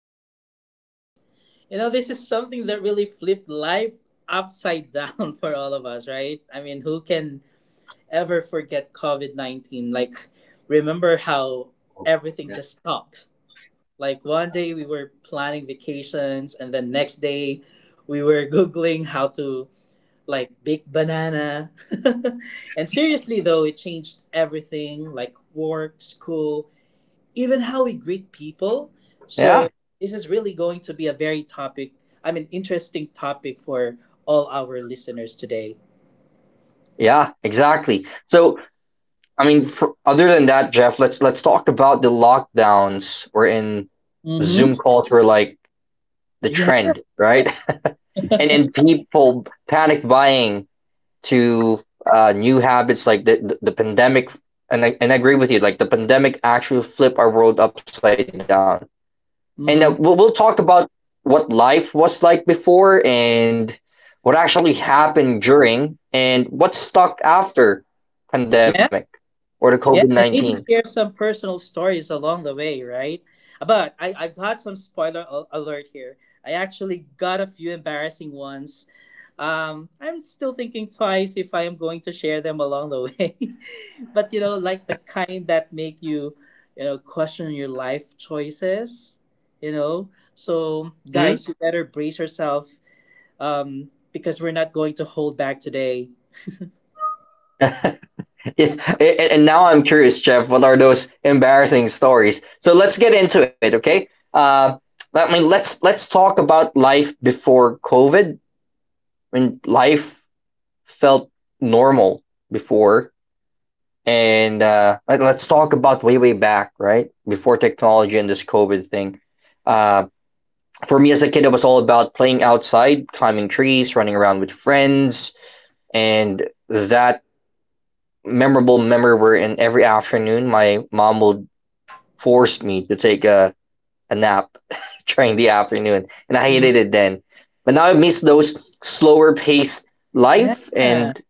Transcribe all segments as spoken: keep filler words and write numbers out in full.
this topic because, you know, this is something that really flipped life upside down for all of us, right? I mean, who can ever forget COVID nineteen? Like, remember how everything just stopped? Like, one day we were planning vacations, and then next day we were Googling how to, like, bake banana. And seriously, though, it changed everything like work, school, even how we greet people. So Yeah. this is really going to be a very topic, I mean, interesting topic for all our listeners today. Yeah, exactly. So, I mean, for, other than that, Jeff, let's let's talk about the lockdowns or in Mm-hmm. Zoom calls were like the Yeah. trend, right? And and people panic buying to uh, new habits like the, the, the pandemic, and I, and I agree with you. Like the pandemic actually flipped our world upside down, and uh, we'll, we'll Mm-hmm. talk about what life was like before, and what actually happened during, and what stuck after pandemic Yeah. or the Yeah, COVID nineteen. and maybe share some personal stories along the way, right? But I, I got some spoiler al- alert here. I actually got a few embarrassing ones. Um, I'm still thinking twice if I am going to share them along the way. But you know, like the kind that make you, you know, question your life choices. You know, so Hmm? guys, you better brace yourself um, because we're not going to hold back today. Yeah, and, and now I'm curious, Jeff, what are those embarrassing stories? So let's get into it. Okay, uh, I mean, let's let's talk about life before COVID. I mean, life felt normal before. And uh, like, let's talk about way, way back, right? Before technology and this COVID thing. Uh, for me as a kid, it was all about playing outside, climbing trees, running around with friends. And that memorable memory where in every afternoon, my mom would force me to take a, a nap during the afternoon. And I Mhm. hated it then. But now I miss those slower paced Yeah. life, and it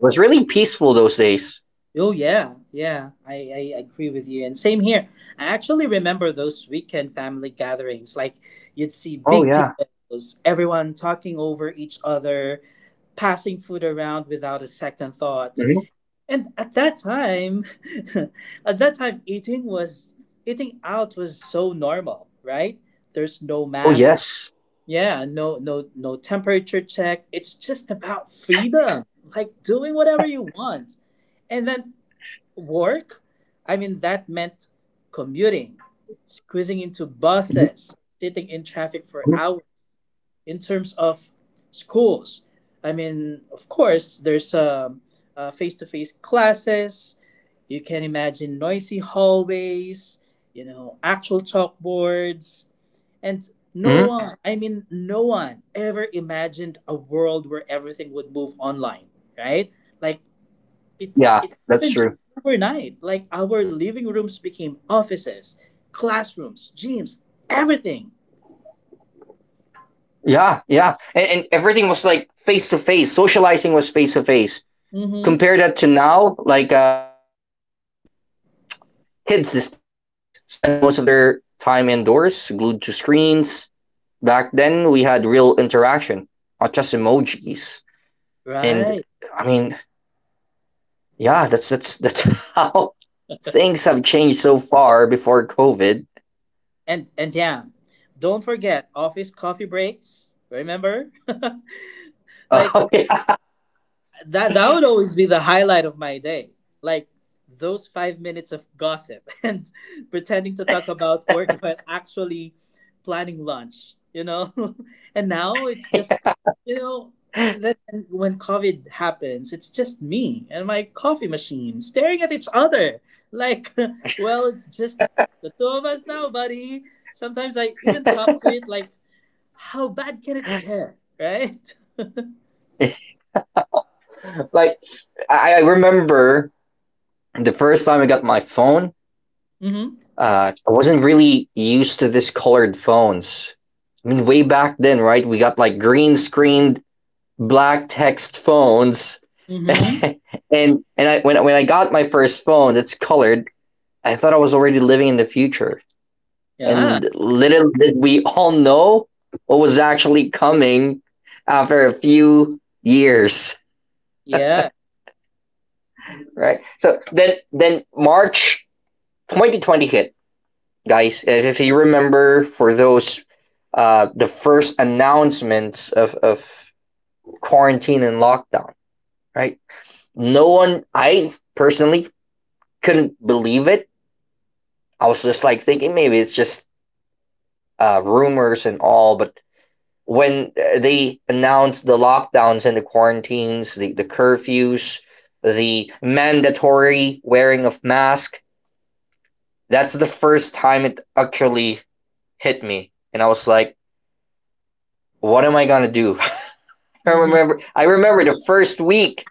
was really peaceful those days. Oh yeah, yeah, I, I agree with you. And same here. I actually remember those weekend family gatherings. Like you'd see Oh big yeah. tables, everyone talking over each other, passing food around without a second thought. Mhm. And at that time, at that time, eating was eating out was so normal, right? There's no Oh masks. yes. Yeah, no, no, no temperature check. It's just about freedom, like doing whatever you want. And then work. I mean, that meant commuting, squeezing into Mhm, buses, sitting in traffic for mhm, hours. In terms of schools, I mean, of course, there's um, uh, face-to-face classes. You can imagine noisy hallways, you know, actual chalkboards, and no mhm. one, I mean, no one ever imagined a world where everything would move online, right? Like it Yeah, it that's happened just true. overnight. Like our living rooms became offices, classrooms, gyms, everything. Yeah, yeah, and, and everything was like face to face. Socializing was face to face. Mm-hmm. Compare that to now, like um, kids these days spend most of their time indoors, glued to screens. Back then, we had real interaction, not just emojis. And I Right. mean, yeah, that's that's that's how things have changed so far before COVID. And and yeah, don't forget office coffee breaks. Remember? Like Oh yeah. that that would always be the highlight of my day. Like those five minutes of gossip and pretending to talk about work while actually planning lunch, you know? And now it's just you know and then when COVID happens, it's just me and my coffee machine staring at each other. Like, well, it's just the two of us now, buddy. Sometimes I even talk to it like, how bad can it get? Right? Like I, I remember the first time I got my phone. Mm-hmm. uh, I wasn't really used to these colored phones. I mean, way back then, right? We got like green screened black text phones, Mm-hmm. and and I when when I got my first phone that's colored, I thought I was already living in the future. Yeah. And little did we all know what was actually coming after a few years, Yeah. right? So then then March twenty twenty hit, guys. If, if you remember, for those uh, the first announcements of of quarantine and lockdown, right? No one, I personally couldn't believe it. I was just like thinking maybe it's just uh, rumors and all, but when uh, they announced the lockdowns and the quarantines, the, the curfews, the mandatory wearing of mask, that's the first time it actually hit me. And I was like, what am I gonna do? I hmm. remember. I remember the first week.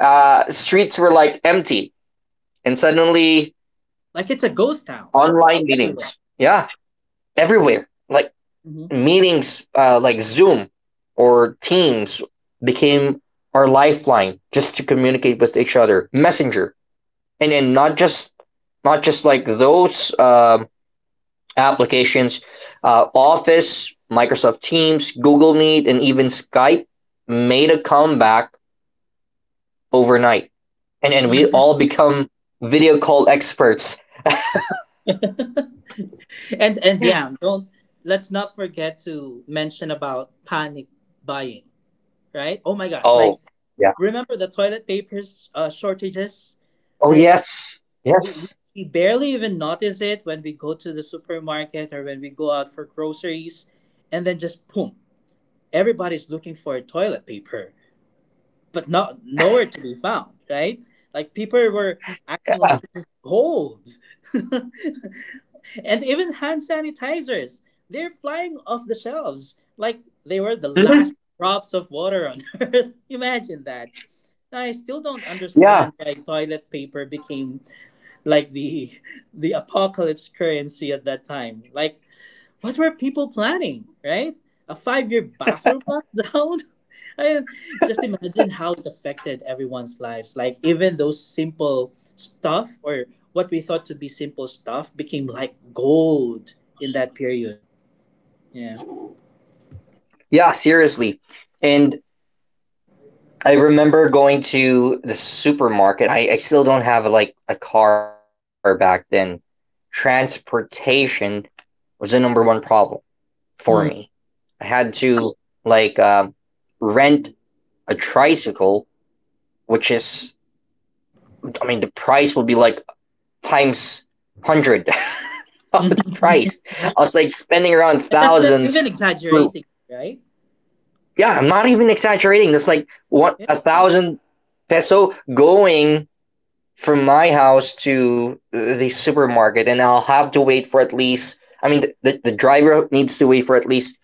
uh, Streets were like empty, and suddenly Like it's a ghost town online everywhere. meetings. Yeah, everywhere. Like Hmm. meetings, uh, like Zoom or Teams became our lifeline just to communicate with each other. Messenger, and then not just not just like those um applications. uh, Office, Microsoft Teams, Google Meet, and even Skype made a comeback overnight, and and we Hmm. all become video call experts. and and yeah, don't let's not forget to mention about panic buying, right? Oh my gosh, like Oh yeah. remember the toilet papers uh, shortages? Oh Like yes. we we Yes. we barely even notice it when we go to the supermarket or when we go out for groceries, and then just boom, everybody's looking for toilet paper. But not nowhere to be found, right? Like people were acting like it was gold. And even hand sanitizers, they're flying off the shelves like they were the last Mhm. drops of water on earth. Imagine that. I still don't Yeah. understand why toilet paper became like the the apocalypse currency at that time. Like what were people planning, right? A five year bathroom lockdown? I mean, just imagine how it affected everyone's lives. Like, even those simple stuff or what we thought to be simple stuff became like gold in that period. Yeah. Yeah. Seriously, and I remember going to the supermarket. I I still don't have like a car back then. Transportation was the number one problem for me. Hmm. I had to like um, rent a tricycle, which is I mean the price would be like times one hundred up And the price. I was like spending around that's not thousands. even For, exaggerating, right? yeah, I'm not even exaggerating. That's like one a Yeah. thousand peso going from my house to uh, the supermarket, and I'll have to wait for at least. I mean, the, the, the driver needs to wait for at least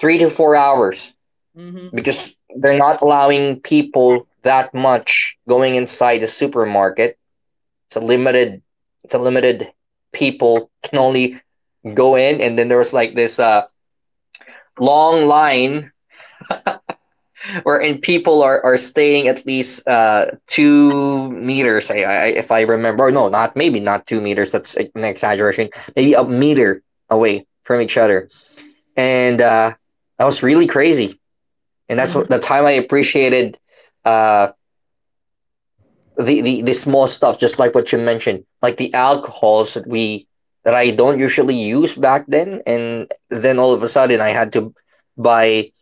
three to four hours Mm-hmm. because they're not allowing people that much going inside the supermarket. It's a limited. It's a limited people can only go in, and then there was like this uh long line wherein people are, are staying at least uh two meters. I, I If I remember. Or no, not maybe not two meters, that's an exaggeration, maybe a meter away from each other. And uh that was really crazy, and that's Mm-hmm. what the time I appreciated uh the, the the small stuff, just like what you mentioned, like the alcohols that we that I don't usually use back then, and then all of a sudden I had to buy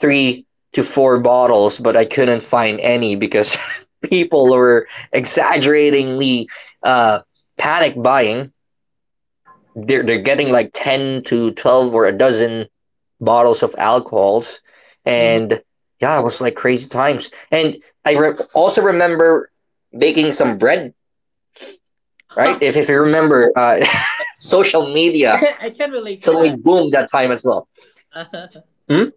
three to four bottles, but I couldn't find any because people were exaggeratingly uh, panic buying. They're they're getting like ten to twelve or a dozen bottles of alcohols. Mm-hmm. And yeah, it was like crazy times. And i re- also remember baking some bread, right? I, If, if you remember, uh, social media can, I can relate to suddenly that. boomed that time as well. Hmm?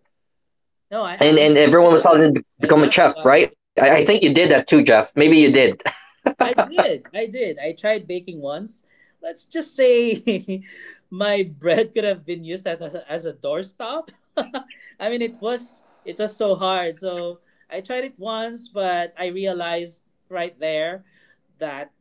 No, I, I and I mean, and everyone was suddenly be- I laugh, become a but chef, right? I, I think you did that too, Jeff. Maybe you did. I did. I did. I tried baking once. Let's just say my bread could have been used as a, as a doorstop. I mean, it was it was so hard. So I tried it once, but I realized right there that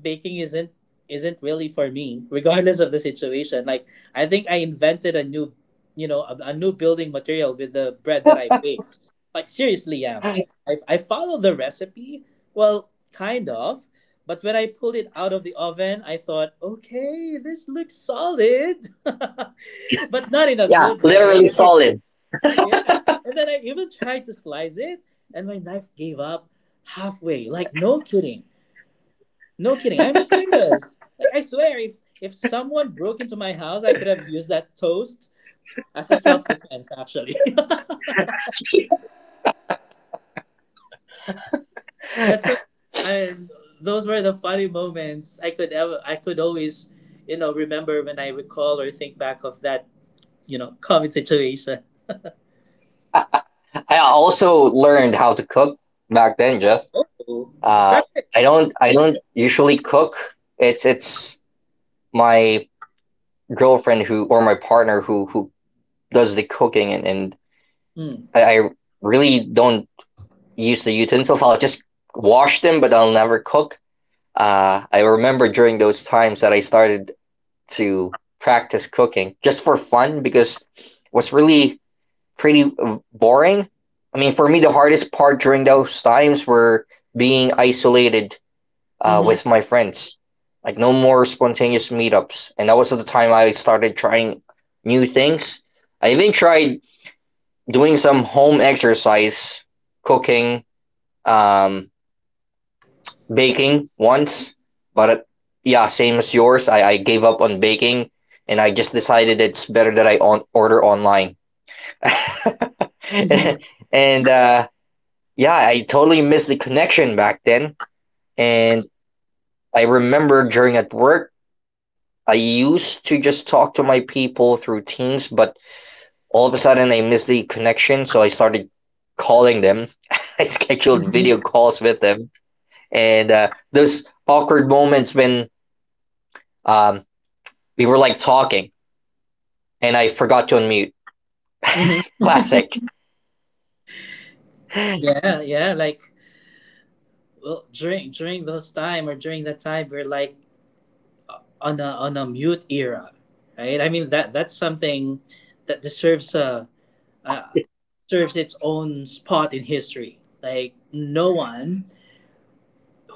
baking isn't isn't really for me, regardless of the situation. Like I think I invented a new, you know, a, a new building material with the bread that I baked. Like seriously, yeah. I I follow the recipe, well, kind of. But when I pulled it out of the oven, I thought, okay, this looks solid, but not in a Yeah, good way. literally solid. Yeah. And then I even tried to slice it, and my knife gave up halfway. Like, no kidding. No kidding. I'm serious. Like, I swear, if, if someone broke into my house, I could have used that toast as a self defense, actually. That's a, I those were the funny moments I could ever I could always you know remember when I recall or think back of that you know COVID situation. I also learned how to cook back then, Jeff. Oh, Uh, impressive. I don't I don't usually cook. It's it's my girlfriend who, or my partner who who does the cooking. and, and Mm. I, I really don't use the utensils. I'll just wash them, but I'll never cook. Uh, I remember during those times that I started to practice cooking just for fun because it was really pretty uh, boring. I mean, for me the hardest part during those times were being isolated uh, Mhm. with my friends. Like no more spontaneous meetups, and that was the time I started trying new things. I even tried doing some home exercise, cooking, um, baking once, but uh, yeah, same as yours. I, I gave up on baking, and I just decided it's better that I on- order online. Mhm. And uh, yeah, I totally missed the connection back then. And I remember during at work, I used to just talk to my people through Teams, but all of a sudden I missed the connection, so I started calling them. I scheduled Mhm. video calls with them, and uh, those awkward moments when um, we were like talking, and I forgot to unmute. Mhm. Classic. Yeah, yeah. Like well, during during those time or during that time, we're like on a on a mute era, right? I mean that that's something that deserves a, a serves its own spot in history. Like no one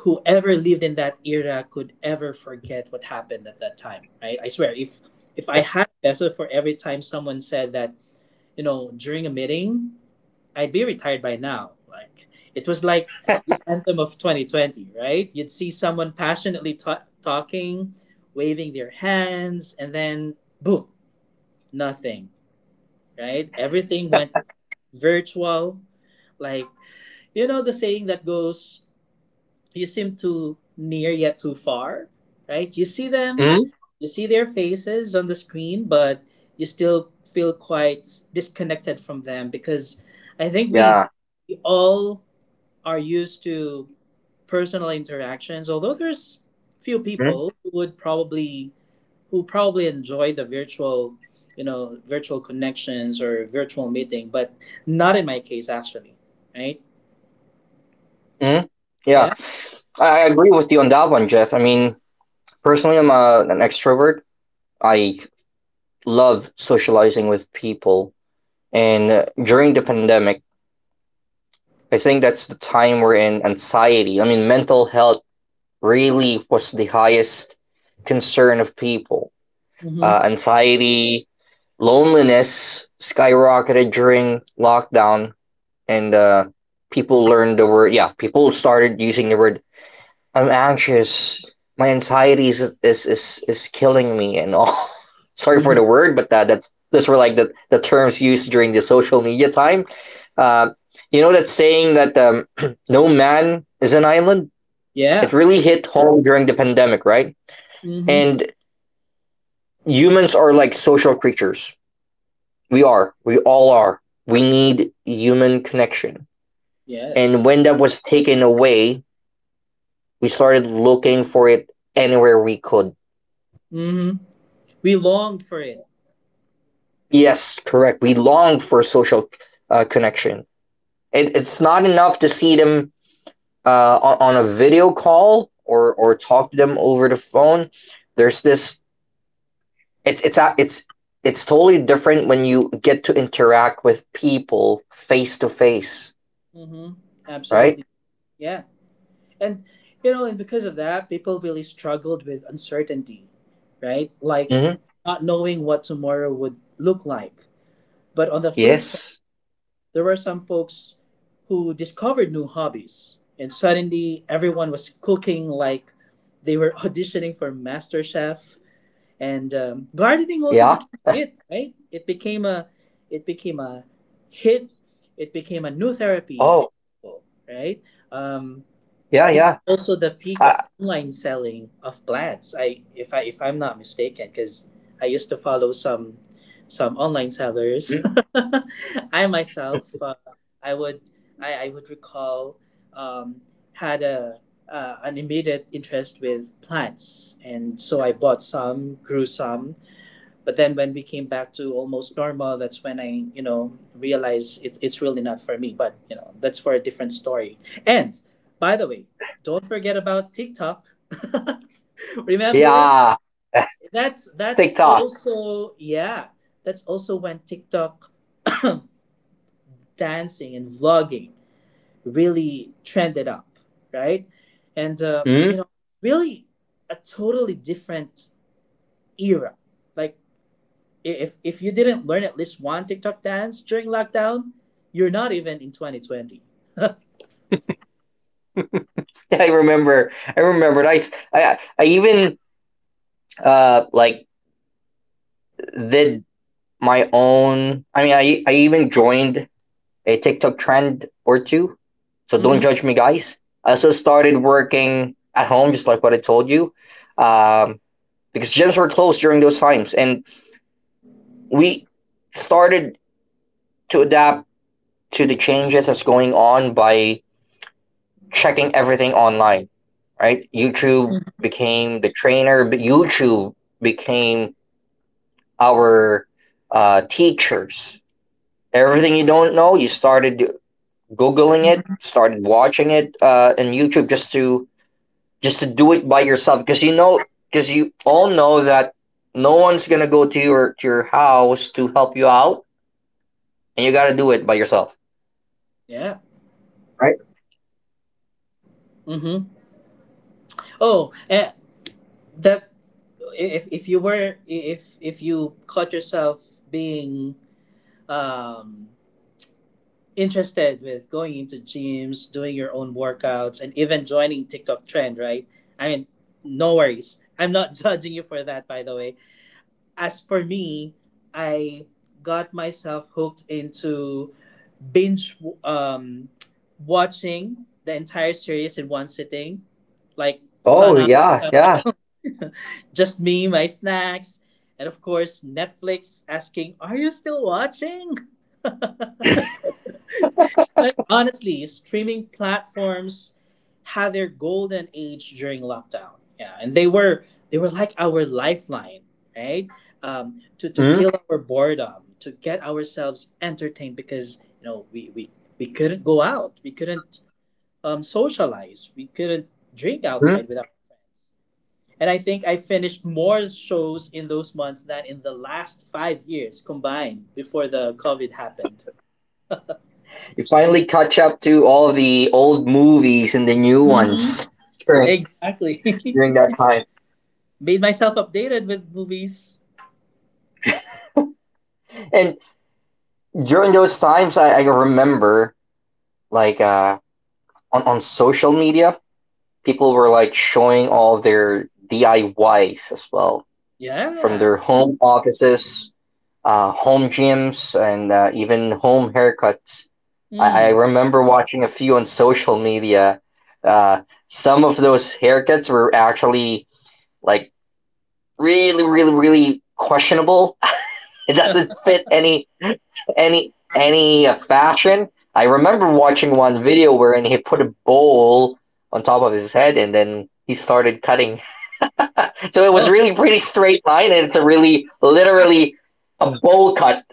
whoever lived in that era could ever forget what happened at that time, right? I swear, if if I had a peso for every time someone said that, you know, during a meeting, I'd be retired by now. Like it was like the anthem of twenty twenty. Right, you'd see someone passionately ta- talking, waving their hands, and then boom, nothing, right? Everything went virtual. Like, you know, the saying that goes, you seem too near yet too far, right? You see them, Mm? you see their faces on the screen, but you still feel quite disconnected from them because I think we, Yeah. we all are used to personal interactions, although there's few Mm? people who would probably who probably enjoy the virtual you know virtual connections or virtual meeting, but not in my case actually, right? Mm? Yeah. Yeah. I, I agree with you on that one, Jeff. I mean, personally, I'm a, an extrovert. I love socializing with people, and uh, during the pandemic. I think that's the time we're in anxiety. I mean, mental health really was the highest concern of people. Uh, mm-hmm. Anxiety, loneliness skyrocketed during lockdown, and uh, people learned the word, yeah, people started using the word I'm anxious. My anxiety is is is, is killing me and all. Sorry for Mm-hmm. the word, but uh, that's those were like the, the terms used during the social media time. Uh, you know that saying that um, no man is an island. It Yeah. really hit home during the pandemic, right? Mm-hmm. And humans are like social creatures. We are. We all are. We need human connection. And Yes. when that was taken away, we started looking for it anywhere we could. Hmm. We longed for it. Yes, correct. We long for social uh, connection. It, it's not enough to see them uh, on, on a video call, or or talk to them over the phone. There's this. It's it's a- it's It's totally different when you get to interact with people face to face, Hmm. right? Absolutely. Yeah. And, you know, and because of that, people really struggled with uncertainty, right? Like Mm-hmm. not knowing what tomorrow would look like. But on the flip side, Yes. there were some folks who discovered new hobbies. And suddenly everyone was cooking like they were auditioning for MasterChef. and um, Yeah. gardening also became a hit, right? It became a it became a hit. It became a new therapy Oh. for people, right? um, Yeah. it was Yeah. also the peak Uh, of online selling of plants. I If I if I'm not mistaken, because I used to follow some some online sellers. mm, I myself, uh, I would I, I would recall um, had a uh, an immediate interest with plants, and so I bought some, grew some, but then when we came back to almost normal, that's when I, you know, realized it, it's really not for me, but you know, that's for a different story. And by the way, don't forget about TikTok. Remember, yeah. that's that's TikTok. also yeah that's also when TikTok dancing and vlogging really trended up, right? And uh, you Mm-hmm. know, really a totally different era. Like if if you didn't learn at least one TikTok dance during lockdown, you're not even in twenty twenty. I remember. I remembered. I s- I I I even uh like did my own. I mean, I I even joined a TikTok trend or two, so don't Mm-hmm. judge me, guys. I also started working at home, just like what I told you, um, because gyms were closed during those times, and we started to adapt to the changes that's going on by checking everything online, right? YouTube became the trainer, but YouTube became our uh, teachers. Everything you don't know, you started googling it, started watching it uh, in YouTube just to just to do it by yourself, because you know, because you all know that no one's gonna go to your to your house to help you out, and you gotta do it by yourself, Yeah. right? Mm-hmm. Oh, eh, that if if you were, if if you caught yourself being um interested with going into gyms, doing your own workouts, and even joining TikTok trend, right? I mean, no worries. I'm not judging you for that, by the way. As for me, I got myself hooked into binge um, watching the entire series in one sitting, like Oh Sana, yeah, yeah. just me, my snacks, and of course Netflix asking, "Are you still watching?" Like honestly, streaming platforms had their golden age during lockdown. Yeah, and they were they were like our lifeline, right? Um, to to Hmm. kill our boredom, to get ourselves entertained because you know we we we couldn't go out, we couldn't um, socialize. We couldn't drink outside You with our friends. And I think I finished more shows in those months than in the last five years combined before the COVID happened. finally catch up to all the old movies and the new Mhm. ones during Exactly. during that time, Made myself updated with movies. and during those times, I, I remember like uh, on on social media people were like showing all of their D I Ys as well from Yeah. their home offices, uh, home gyms, and uh, even home haircuts. I, I Mm. remember watching a few on social media. Uh, some of those haircuts were actually like really, really, really questionable. It doesn't fit any any any uh, fashion. I remember watching one video wherein he put a bowl on top of his head and then he started cutting. So it was Oh, really pretty straight line and it's a really literally a bowl cut.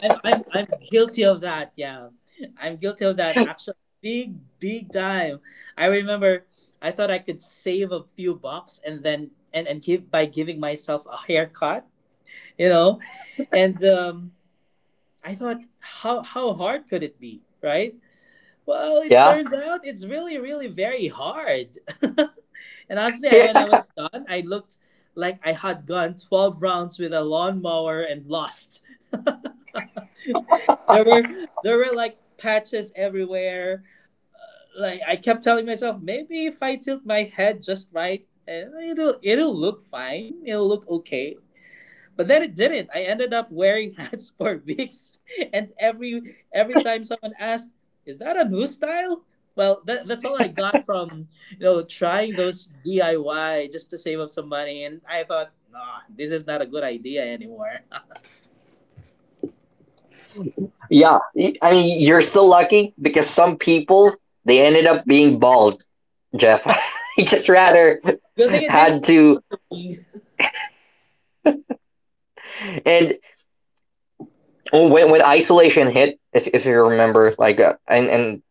I'm I'm I'm guilty of that. Yeah, I'm guilty of that. Actually, big big time. I remember I thought I could save a few bucks and then and and give by giving myself a haircut. You know, and um, I thought how how hard could it be, right? Well, it Yeah. turns out it's really, really very hard. And honestly, I, when I Yeah. was done, I looked like I had gone twelve rounds with a lawnmower and lost. there were there were like patches everywhere. Like I kept telling myself, maybe if I tilt my head just right, eh, it'll it'll look fine. It'll look okay. But then it didn't. I ended up wearing hats for weeks, and every every time someone asked, "Is that a new style?" Well, that, that's all I got from you know trying those D I Y just to save up some money, and I thought, nah, this is not a good idea anymore. Yeah. I mean, you're still lucky because some people they ended up being bald, Jeff. he just rather Good thing it didn't. had to and Well, when when isolation hit, if if you remember, like uh, and and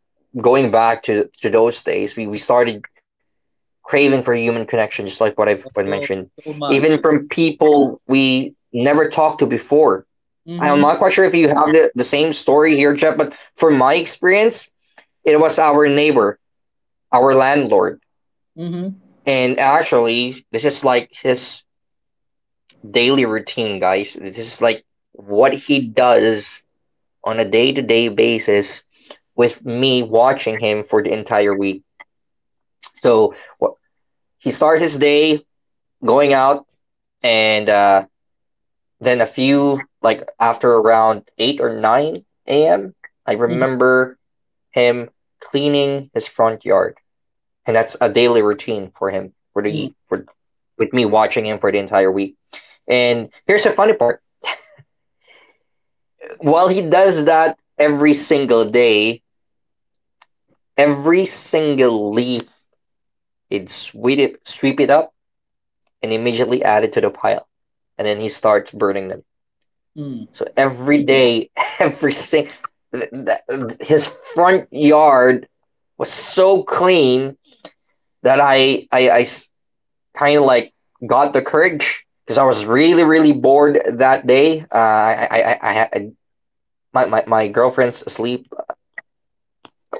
going back to to those days, we, we started craving for human connection, just like what I've what I Oh, mentioned, so much. even from people we never talked to before. I'm Mhm. not quite sure if you have the, the same story here, Jeff, but from my experience, it was our neighbor, our landlord, Mhm. and actually, this is like his daily routine, guys. This is like what he does on a day to day basis with me watching him for the entire week. So wh- he starts his day going out, and uh, then a few, like after around eight or nine a m, I Mhm. remember him cleaning his front yard. And that's a daily routine for him, for Mm. the, for, with me watching him for the entire week. And here's the funny part while he does that every single day, every single leaf he'd sweep it, sweep it up and immediately add it to the pile. And then he starts burning them. Mm. So every day, every single. Th- th- His front yard was so clean that I, I, I kind of like got the courage because I was really, really bored that day. Uh, I, I, I, I, had- my, my, my girlfriend's asleep.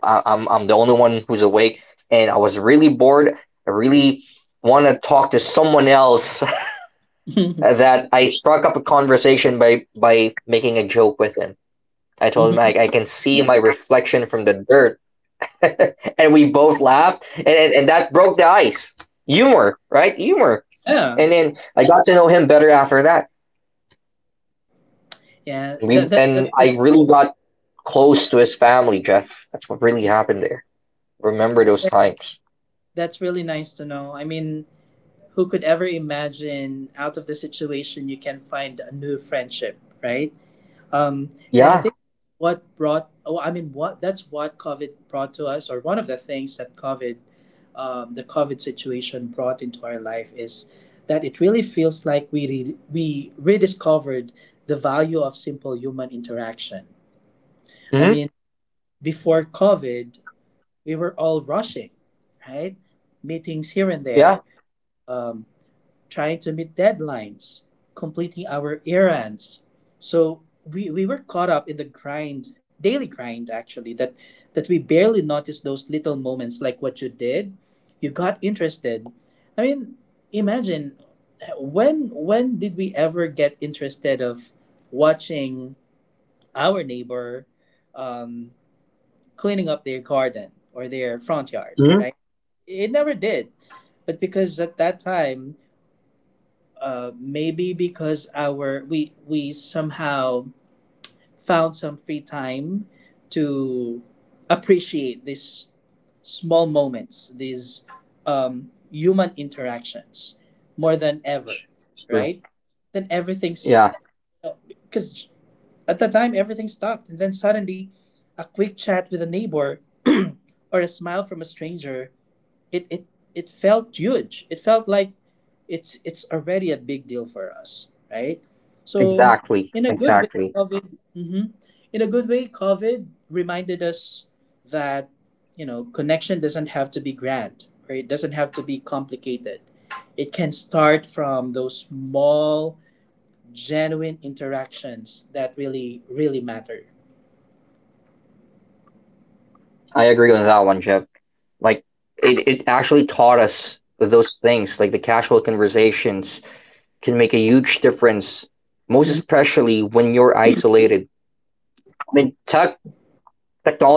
I, I'm, I'm the only one who's awake. And I was really bored. I really want to talk to someone else that I struck up a conversation by by making a joke with him. I told him I, mhm. I can see my reflection from the dirt, and we both laughed, and, and and that broke the ice. Humor, right? Humor. Yeah. And then I got to know him better after that. Yeah. That, We that and that's I really got close to his family, Jeff. That's what really happened there. Remember those times? that's really nice to know. I mean, who could ever imagine out of the situation you can find a new friendship, right? Um, and I Yeah. think what brought, oh, I mean, what that's what COVID brought to us, or one of the things that COVID, um, the COVID situation brought into our life is that it really feels like we re- we rediscovered the value of simple human interaction. I Mm-hmm. mean, before COVID, we were all rushing, right? Meetings here and there. Yeah. Um, Trying to meet deadlines, completing our errands. So we, we were caught up in the grind, daily grind actually, that that we barely noticed those little moments like what you did. You got interested. I mean, imagine uh, when when did we ever get interested of watching our neighbor um, cleaning up their garden or their front yard, Mm-hmm. right? It never did. But because at that time uh, maybe because our we we somehow found some free time to appreciate these small moments, these um, human interactions more than ever, It's true. right? Then everything's Yeah. because at the time everything stopped, and then suddenly a quick chat with a neighbor or a smile from a stranger it it it felt huge. It felt like it's it's already a big deal for us, right? So Exactly. in a good way, Exactly. COVID. Mhm. In a good way, COVID reminded us that you know connection doesn't have to be grand or it doesn't have to be complicated. It can start from those small, genuine interactions that really really matter. I agree on that one, Jeff. like it, it actually taught us those things like the casual conversations can make a huge difference most Mm-hmm. especially when you're isolated. I mean, tech technology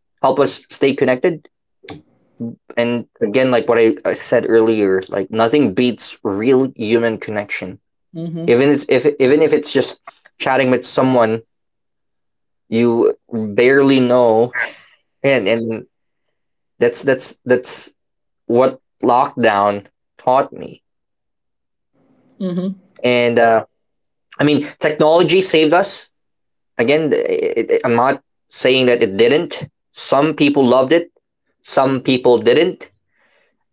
help us stay connected. And again, like what i, I said earlier, like nothing beats real human connection, Mm-hmm. even if, if even if it's just chatting with someone you barely know. And and that's that's that's what lockdown taught me. Mm-hmm. And uh, I mean, technology saved us. Again, it, it, I'm not saying that it didn't. Some people loved it, some people didn't.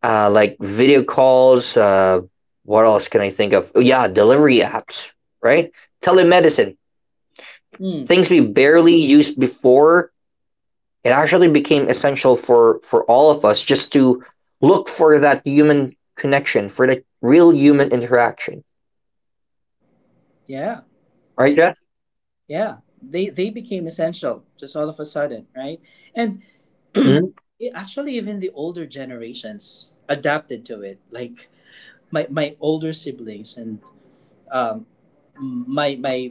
Uh, like video calls. Uh, what else can I think of? Oh, yeah, delivery apps, right? Telemedicine, Mm. things we barely used before. It actually became essential for for all of us just to look for that human connection, for the real human interaction. Yeah. Right, Jeff? Yeah, they they became essential just all of a sudden, right? And Mm-hmm. it, actually, even the older generations adapted to it. Like my my older siblings and um, my my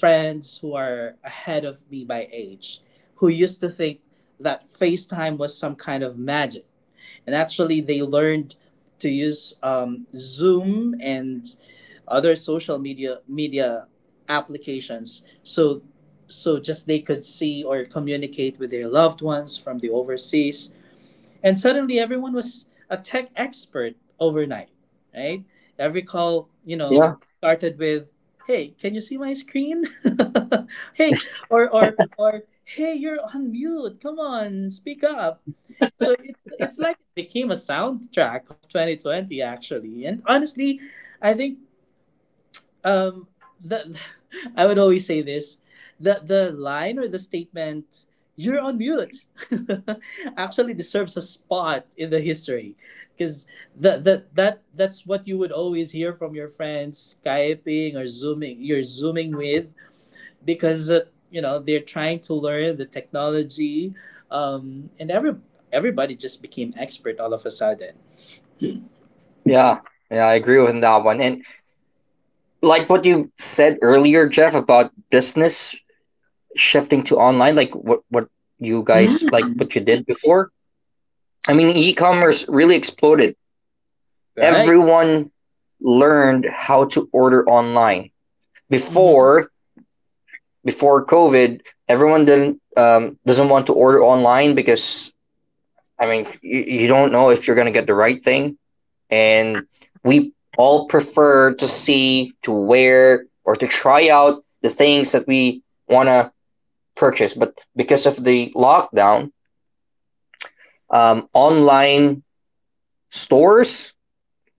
friends who are ahead of me by age, who used to think that FaceTime was some kind of magic, and actually they learned to use um, Zoom and other social media media applications so so just they could see or communicate with their loved ones from the overseas, and suddenly everyone was a tech expert overnight, right? Every call, you Yeah. know, started with, "Hey, can you see my screen?" hey or or or hey "you're on mute, come on, speak up." So it's it's like it became a soundtrack of twenty twenty actually, and honestly, I think um the I would always say this, the the line or the statement, "You're on mute," actually deserves a spot in the history, because that that that that's what you would always hear from your friends skyping or zooming you're zooming with, because uh, you know they're trying to learn the technology, um and every everybody just became expert all of a sudden. Yeah, yeah, I agree with that one. And like what you said earlier, Jeff, about business shifting to online, like what what you guys, like Mm, what you did before. I mean, e-commerce really exploded. right. Everyone learned how to order online. Mm-hmm. Before before COVID, everyone didn't um, doesn't want to order online because I mean, you, you don't know if you're gonna get the right thing. And we all prefer to see, to wear, or to try out the things that we want to purchase. But because of the lockdown, um, online stores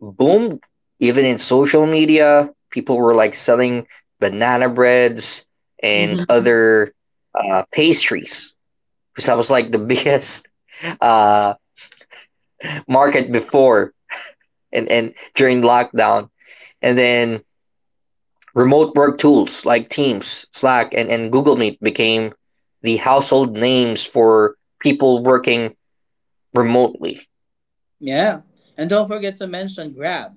boomed. Even in social media, people were like selling banana breads and Mm-hmm. other uh, pastries because that was like the biggest uh, market before and, and during lockdown. And then remote work tools like Teams, Slack, and, and Google Meet became the household names for people working remotely. Yeah. And don't forget to mention Grab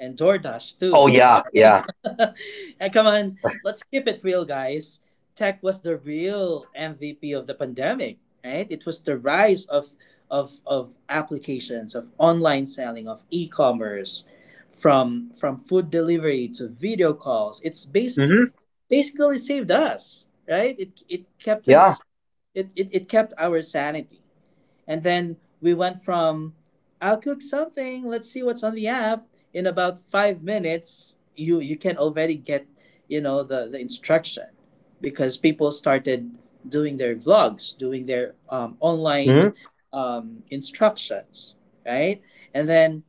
and DoorDash Oh, too. yeah, Right? yeah. And come on, let's keep it real, guys. Tech was the real M V P of the pandemic, right? It was the rise of of of applications, of online selling, of e-commerce, from from food delivery to video calls. It's base Mm-hmm. basically saved us, right? It it kept Yeah. us, it, it, it kept our sanity, and then we went from, "I'll cook something, let's see what's on the app." In about five minutes, you, you can already get, you know, the, the instruction, because people started doing their vlogs, doing their um, Mm-hmm. online um, instructions, right? And then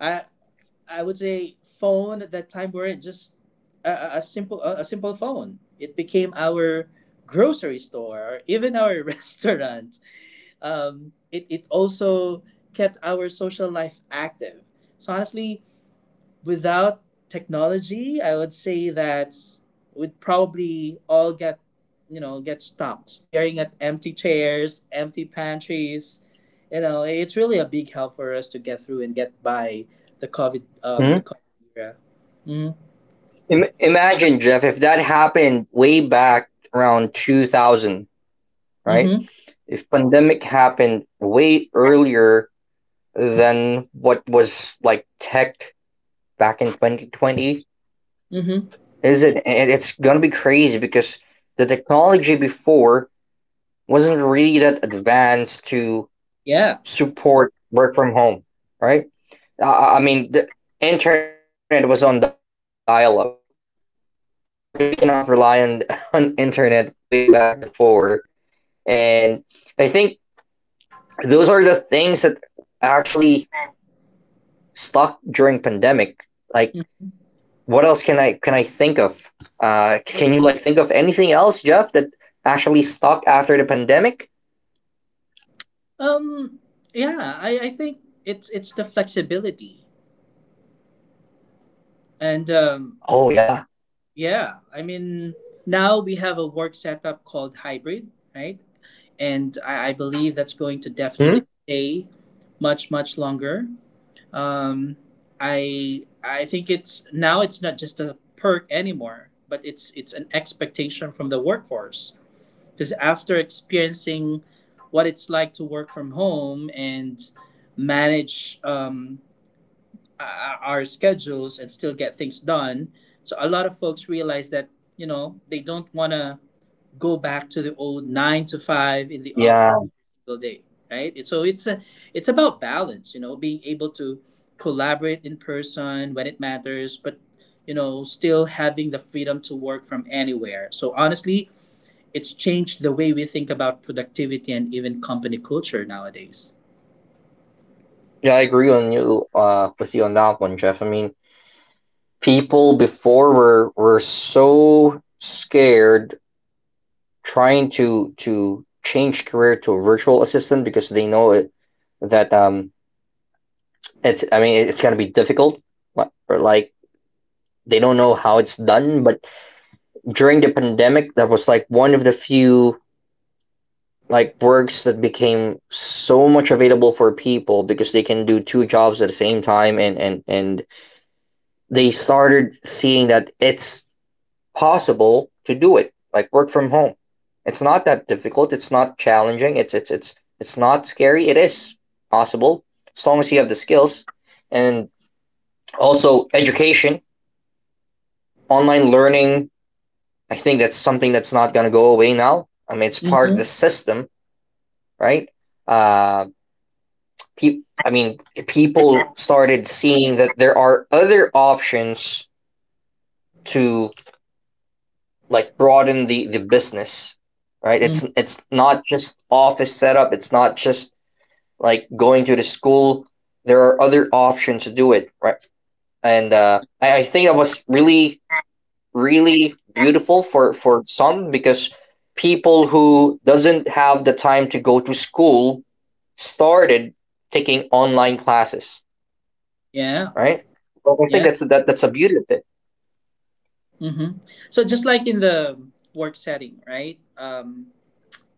I, I would say phone at that time weren't just a, a simple a, a simple phone. It became our grocery store, or even our restaurant, um, it, it also kept our social life active. So honestly, without technology, I would say that we'd probably all get, you know, get stuck staring at empty chairs, empty pantries. You know, it's really a big help for us to get through and get by the COVID, um, Mm-hmm. the COVID era. Mm-hmm. Im- imagine, Jeff, if that happened way back around two thousand, right? Mm-hmm. If pandemic happened way earlier than what was like tech back in twenty twenty, Mm-hmm. is it? And it's going to be crazy because the technology before wasn't really that advanced to Yeah. support work from home, right? I, I mean, the internet was on dial up. You really cannot rely on, on internet way back before. And I think those are the things that actually stuck during pandemic. Like, Mm. what else can I can I think of? Uh, can you like think of anything else, Jeff, that actually stuck after the pandemic? Um. Yeah. I, I think it's it's the flexibility and um Oh yeah. yeah, I mean, now we have a work setup called hybrid, right? And I, I believe that's going to Hmm? definitely stay much, much longer. Um, I I think it's now, it's not just a perk anymore, but it's it's an expectation from the workforce. Because after experiencing what it's like to work from home and manage um, uh, our schedules and still get things done. So a lot of folks realize that you know they don't want to go back to the old nine to five in the office every yeah, single day, right? It's- So it's a it's about balance, you know, being able to collaborate in person when it matters, but you know still having the freedom to work from anywhere. So honestly, it's changed the way we think about productivity and even company culture nowadays. yeah. I agree on you uh, with you on that one, Jeff. I mean, people before were were so scared trying to to change career to a virtual assistant because they know it that um it's, I mean, it's gonna be difficult, but or like they don't know how it's done. But during the pandemic, that was like one of the few like works that became so much available for people because they can do two jobs at the same time, and and and they started seeing that it's possible to do it, like work from home. It's not that difficult. It's not challenging. It's it's it's it's not scary. It is possible as long as you have the skills and also education, online learning. I think that's something that's not gonna go away now. I mean, it's part of the Mm-hmm. system, right? Uh, pe- I mean, people started seeing that there are other options to like broaden the the business, right? It's it's not just office setup. It's not just like going to the school. There are other options to do it, right? And uh, I, I think that was really really beautiful for for some, because people who doesn't have the time to go to school started taking online classes, Yeah, right? Well, I think yeah. that's that that's a beauty of it. Mm-hmm. So just like in the work setting, right? Um,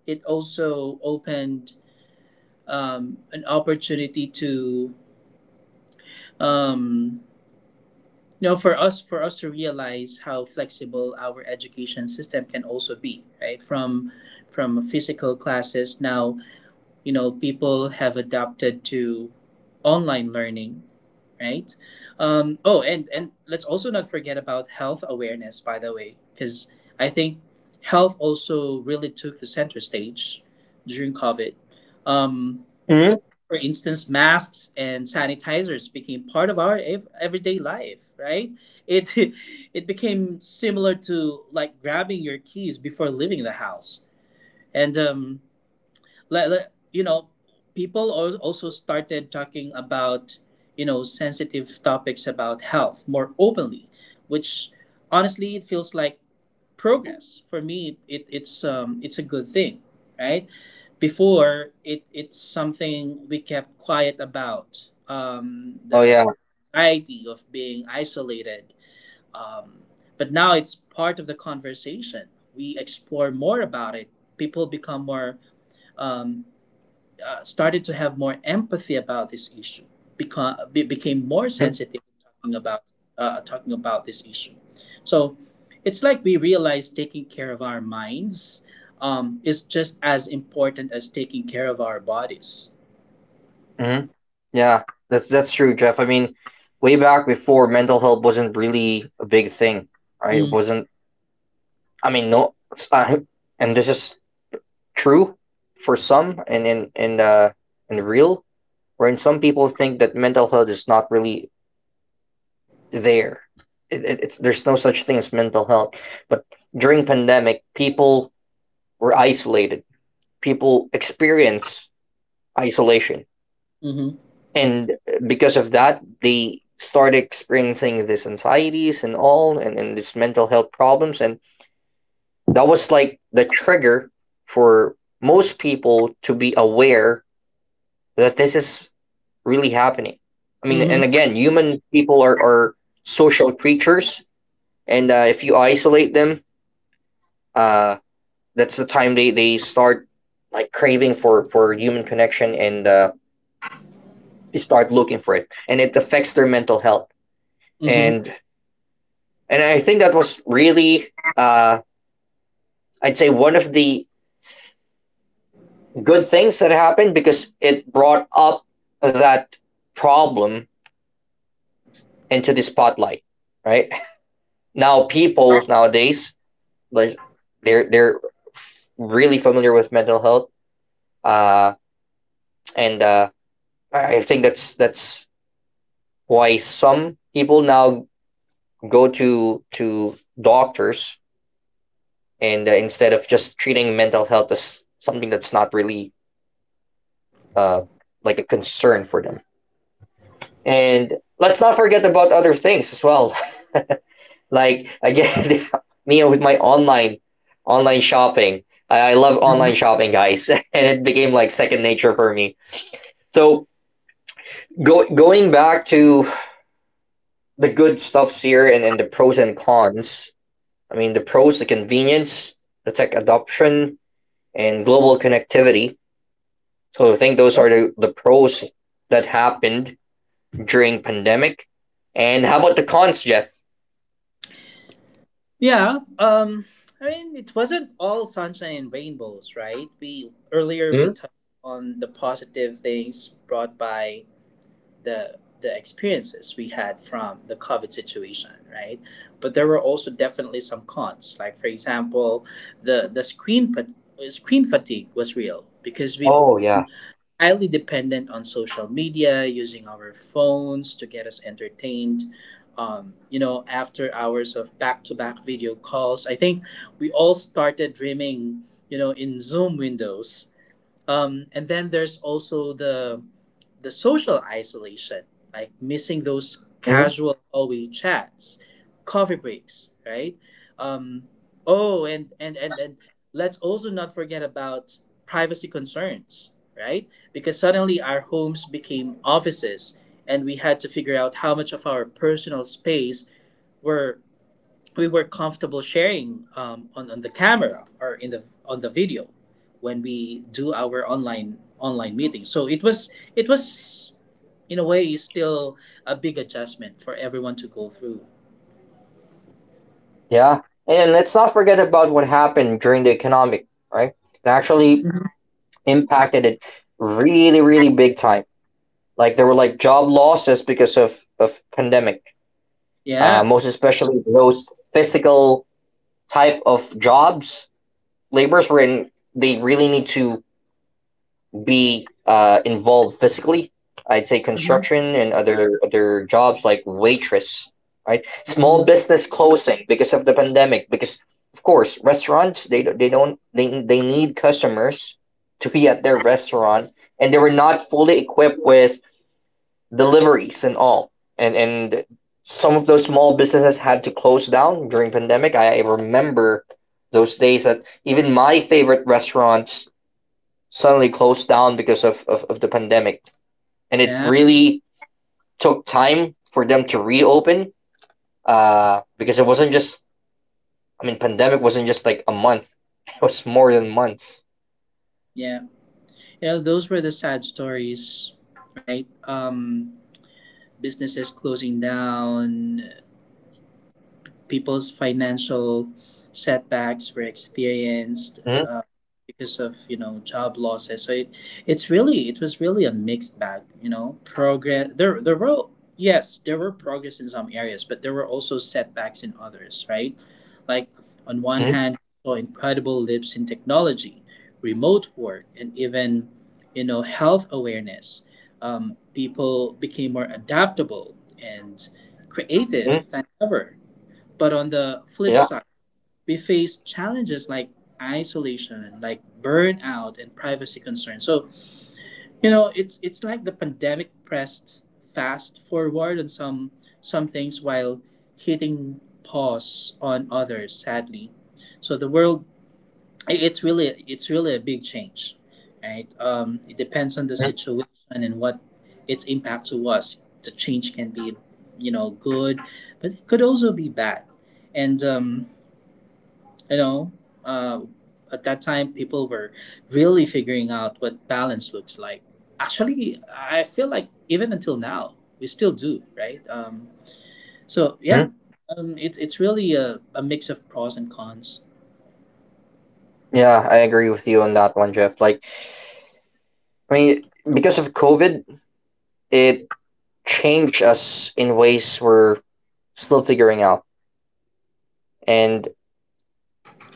It also opened um, an opportunity to, um, you know, for us for us to realize how flexible our education system can also be, right? From from physical classes now, you know, people have adapted to online learning, right? Um, oh, and and let's also not forget about health awareness, by the way, because I think health also really took the center stage during COVID. Um, Mhm. for instance, masks and sanitizers became part of our ev- everyday life, right? It it became similar to like grabbing your keys before leaving the house, and um, let, let you know people al- also started talking about you know sensitive topics about health more openly, which honestly it feels like progress for me. It, it's um it's a good thing, right? Before it it's something we kept quiet about, um Oh yeah. the anxiety of being isolated, um but now it's part of the conversation. We explore more about it. People become more um, uh, started to have more empathy about this issue, become, became more Hmm. sensitive talking about uh, talking about this issue. So it's like we realize taking care of our minds um, is just as important as taking care of our bodies. Hmm. Yeah, that's that's true, Jeff. I mean, way back before, mental health wasn't really a big thing, right? It Mm, wasn't. I mean, no, s- I- and this is true for some, and in in uh in real, wherein some people think that mental health is not really there. It, it, it's there's no such thing as mental health. But during pandemic, people were isolated. People experience isolation, mhm, and uh, because of that, they started experiencing these anxieties and all, and, and these mental health problems, and that was like the trigger for most people to be aware that this is really happening. I mean, mhm, and again, human people are, are social creatures, and uh, if you isolate them, uh, that's the time they, they start like craving for for human connection, and uh, they start looking for it, and it affects their mental health. mhm, and And I think that was really, uh, I'd say, one of the good things that happened, because it brought up that problem into the spotlight, right? Now, people nowadays, like, they're, they're really familiar with mental health. Uh, and uh, I think that's, that's why some people now go to, to doctors, and uh, instead of just treating mental health as something that's not really uh, like a concern for them. And let's not forget about other things as well. Like again, me with my online online shopping. I, I love mhm. online shopping, guys, and it became like second nature for me. So go, going back to the good stuffs here and, and the pros and cons. I mean, the pros, the convenience, the tech adoption, and global connectivity. So I think those are the, the pros that happened during pandemic. And how about the cons, Jeff? Yeah. Um, I mean, it wasn't all sunshine and rainbows, right? We earlier we Hmm? touched on the positive things brought by the the experiences we had from the COVID situation, right? But there were also definitely some cons. Like for example, the the screen fat- screen fatigue was real, because we Oh yeah. became highly dependent on social media, using our phones to get us entertained. Um, you know, after hours of back-to-back video calls, I think we all started dreaming, you know, in Zoom windows, um, and then there's also the the social isolation, like missing those Mhm. casual hallway chats, coffee breaks, right? Um, oh, and and and and let's also not forget about privacy concerns, right? Because suddenly our homes became offices, and we had to figure out how much of our personal space were we were comfortable sharing um, on, on the camera or in the on the video when we do our online online meeting. So it was, it was in a way still a big adjustment for everyone to go through. Yeah. And let's not forget about what happened during the economic, right? It actually impacted it really, really big time. Like there were like job losses because of of pandemic. Uh, Yeah. most especially those physical type of jobs, labors in. They really need to be uh, involved physically. I'd say Hmm. construction and other other jobs like waitress, right? Small Hmm. business closing because of the pandemic. Because of course, restaurants, they don't- they don't they they need customers to be at their restaurant, and they were not fully equipped with deliveries and all. And and some of those small businesses had to close down during pandemic. I, I remember those days that even my favorite restaurants suddenly closed down because of, of, of the pandemic. And it Yeah, really took time for them to reopen uh, because it wasn't just, I mean, pandemic wasn't just like a month, it was more than months. yeah. You know, those were the sad stories, right? Um, businesses closing down, people's financial setbacks were experienced, Mhm, uh, because of you know job losses. So it, it's really, it was really a mixed bag. You know, progress, there there were yes there were progress in some areas, but there were also setbacks in others. Right, like on one mhm, hand, we saw incredible leaps in technology, remote work, and even you know health awareness. Um, people became more adaptable and mhm. creative than ever, but on the flip Yeah. side, we face challenges like isolation, like burnout and privacy concerns. So, you know, it's it's like the pandemic pressed fast forward on some some things while hitting pause on others, sadly. So the world, i- it's really it's really a big change. Right? Um, it depends on the mhm, situation and what its impact to us. The change can be, you know, good, but it could also be bad. And um, you know, um, at that time people were really figuring out what balance looks like. Actually, I feel like even until now we still do, right? Um, so yeah, mhm. um, it's it's really a, a mix of pros and cons. Yeah, I agree with you on that one, Jeff. Like, I mean, because of COVID, it changed us in ways we're still figuring out. And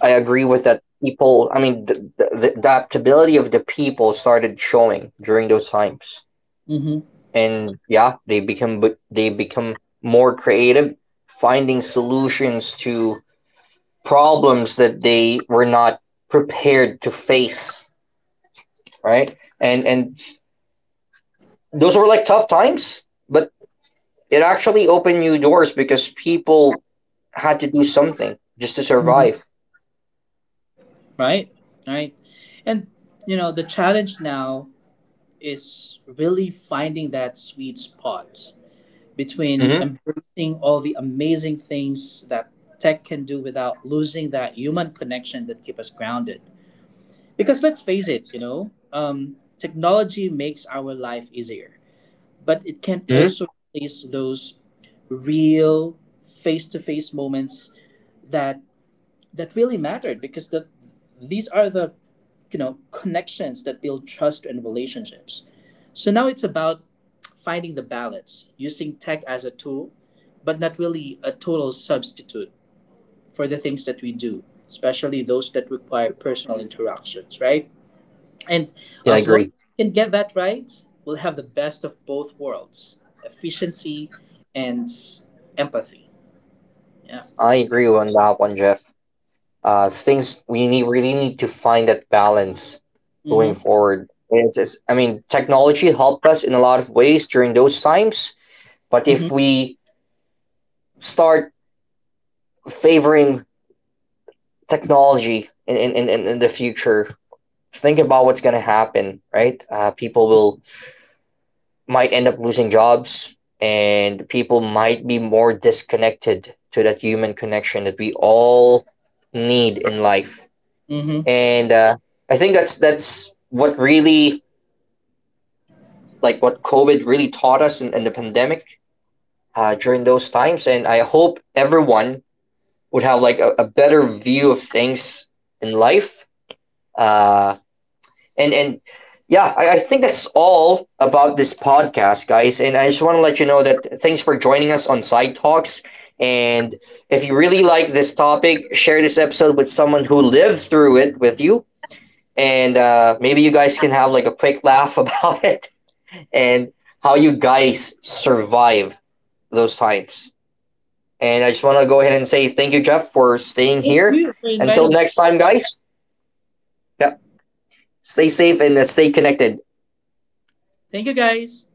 I agree with that. People, I mean, the, the, the adaptability of the people started showing during those times, Mm-hmm. and yeah, they become but they become more creative, finding solutions to problems that they were not prepared to face. Right, and and those were like tough times, but it actually opened new doors because people had to do something just to Mm-hmm. survive. Right, right. And you know the challenge now is really finding that sweet spot between Mm-hmm. embracing all the amazing things that tech can do without losing that human connection that keep us grounded. Because let's face it, you know, um, technology makes our life easier, but it can Mm-hmm. also replace those real face-to-face moments that that really mattered, because the, these are the you know connections that build trust and relationships. So now it's about finding the balance, using tech as a tool, but not really a total substitute for the things that we do, especially those that require personal interactions, right? And Yeah, I as long agree. as we can get that right, we'll have the best of both worlds, efficiency and empathy. Yeah. I agree on that one, Jeff. Uh, things we need, really need to find that balance going Mm-hmm. forward. And it's, it's I mean, technology helped us in a lot of ways during those times, but if Mm-hmm. we start favoring technology in in, in- in, in the future, think about what's going to happen, right. Uh, people will might end up losing jobs, and people might be more disconnected to that human connection that we all need in life. Mm-hmm. And uh, i think that's that's what really, like what COVID really taught us in, in the pandemic uh, during those times. And I hope everyone would have like a, a better view of things in life. Uh, and and Yeah, I, I think that's all about this podcast, guys. And I just want to let you know that thanks for joining us on Side Talks. And if you really like this topic, share this episode with someone who lived through it with you. And uh, maybe you guys can have like a quick laugh about it and how you guys survive those times. And I just want to go ahead and say thank you, Jeff, for staying Thank here. you for Until inviting me. next time, guys. Yeah, stay safe and uh, stay connected. Thank you guys.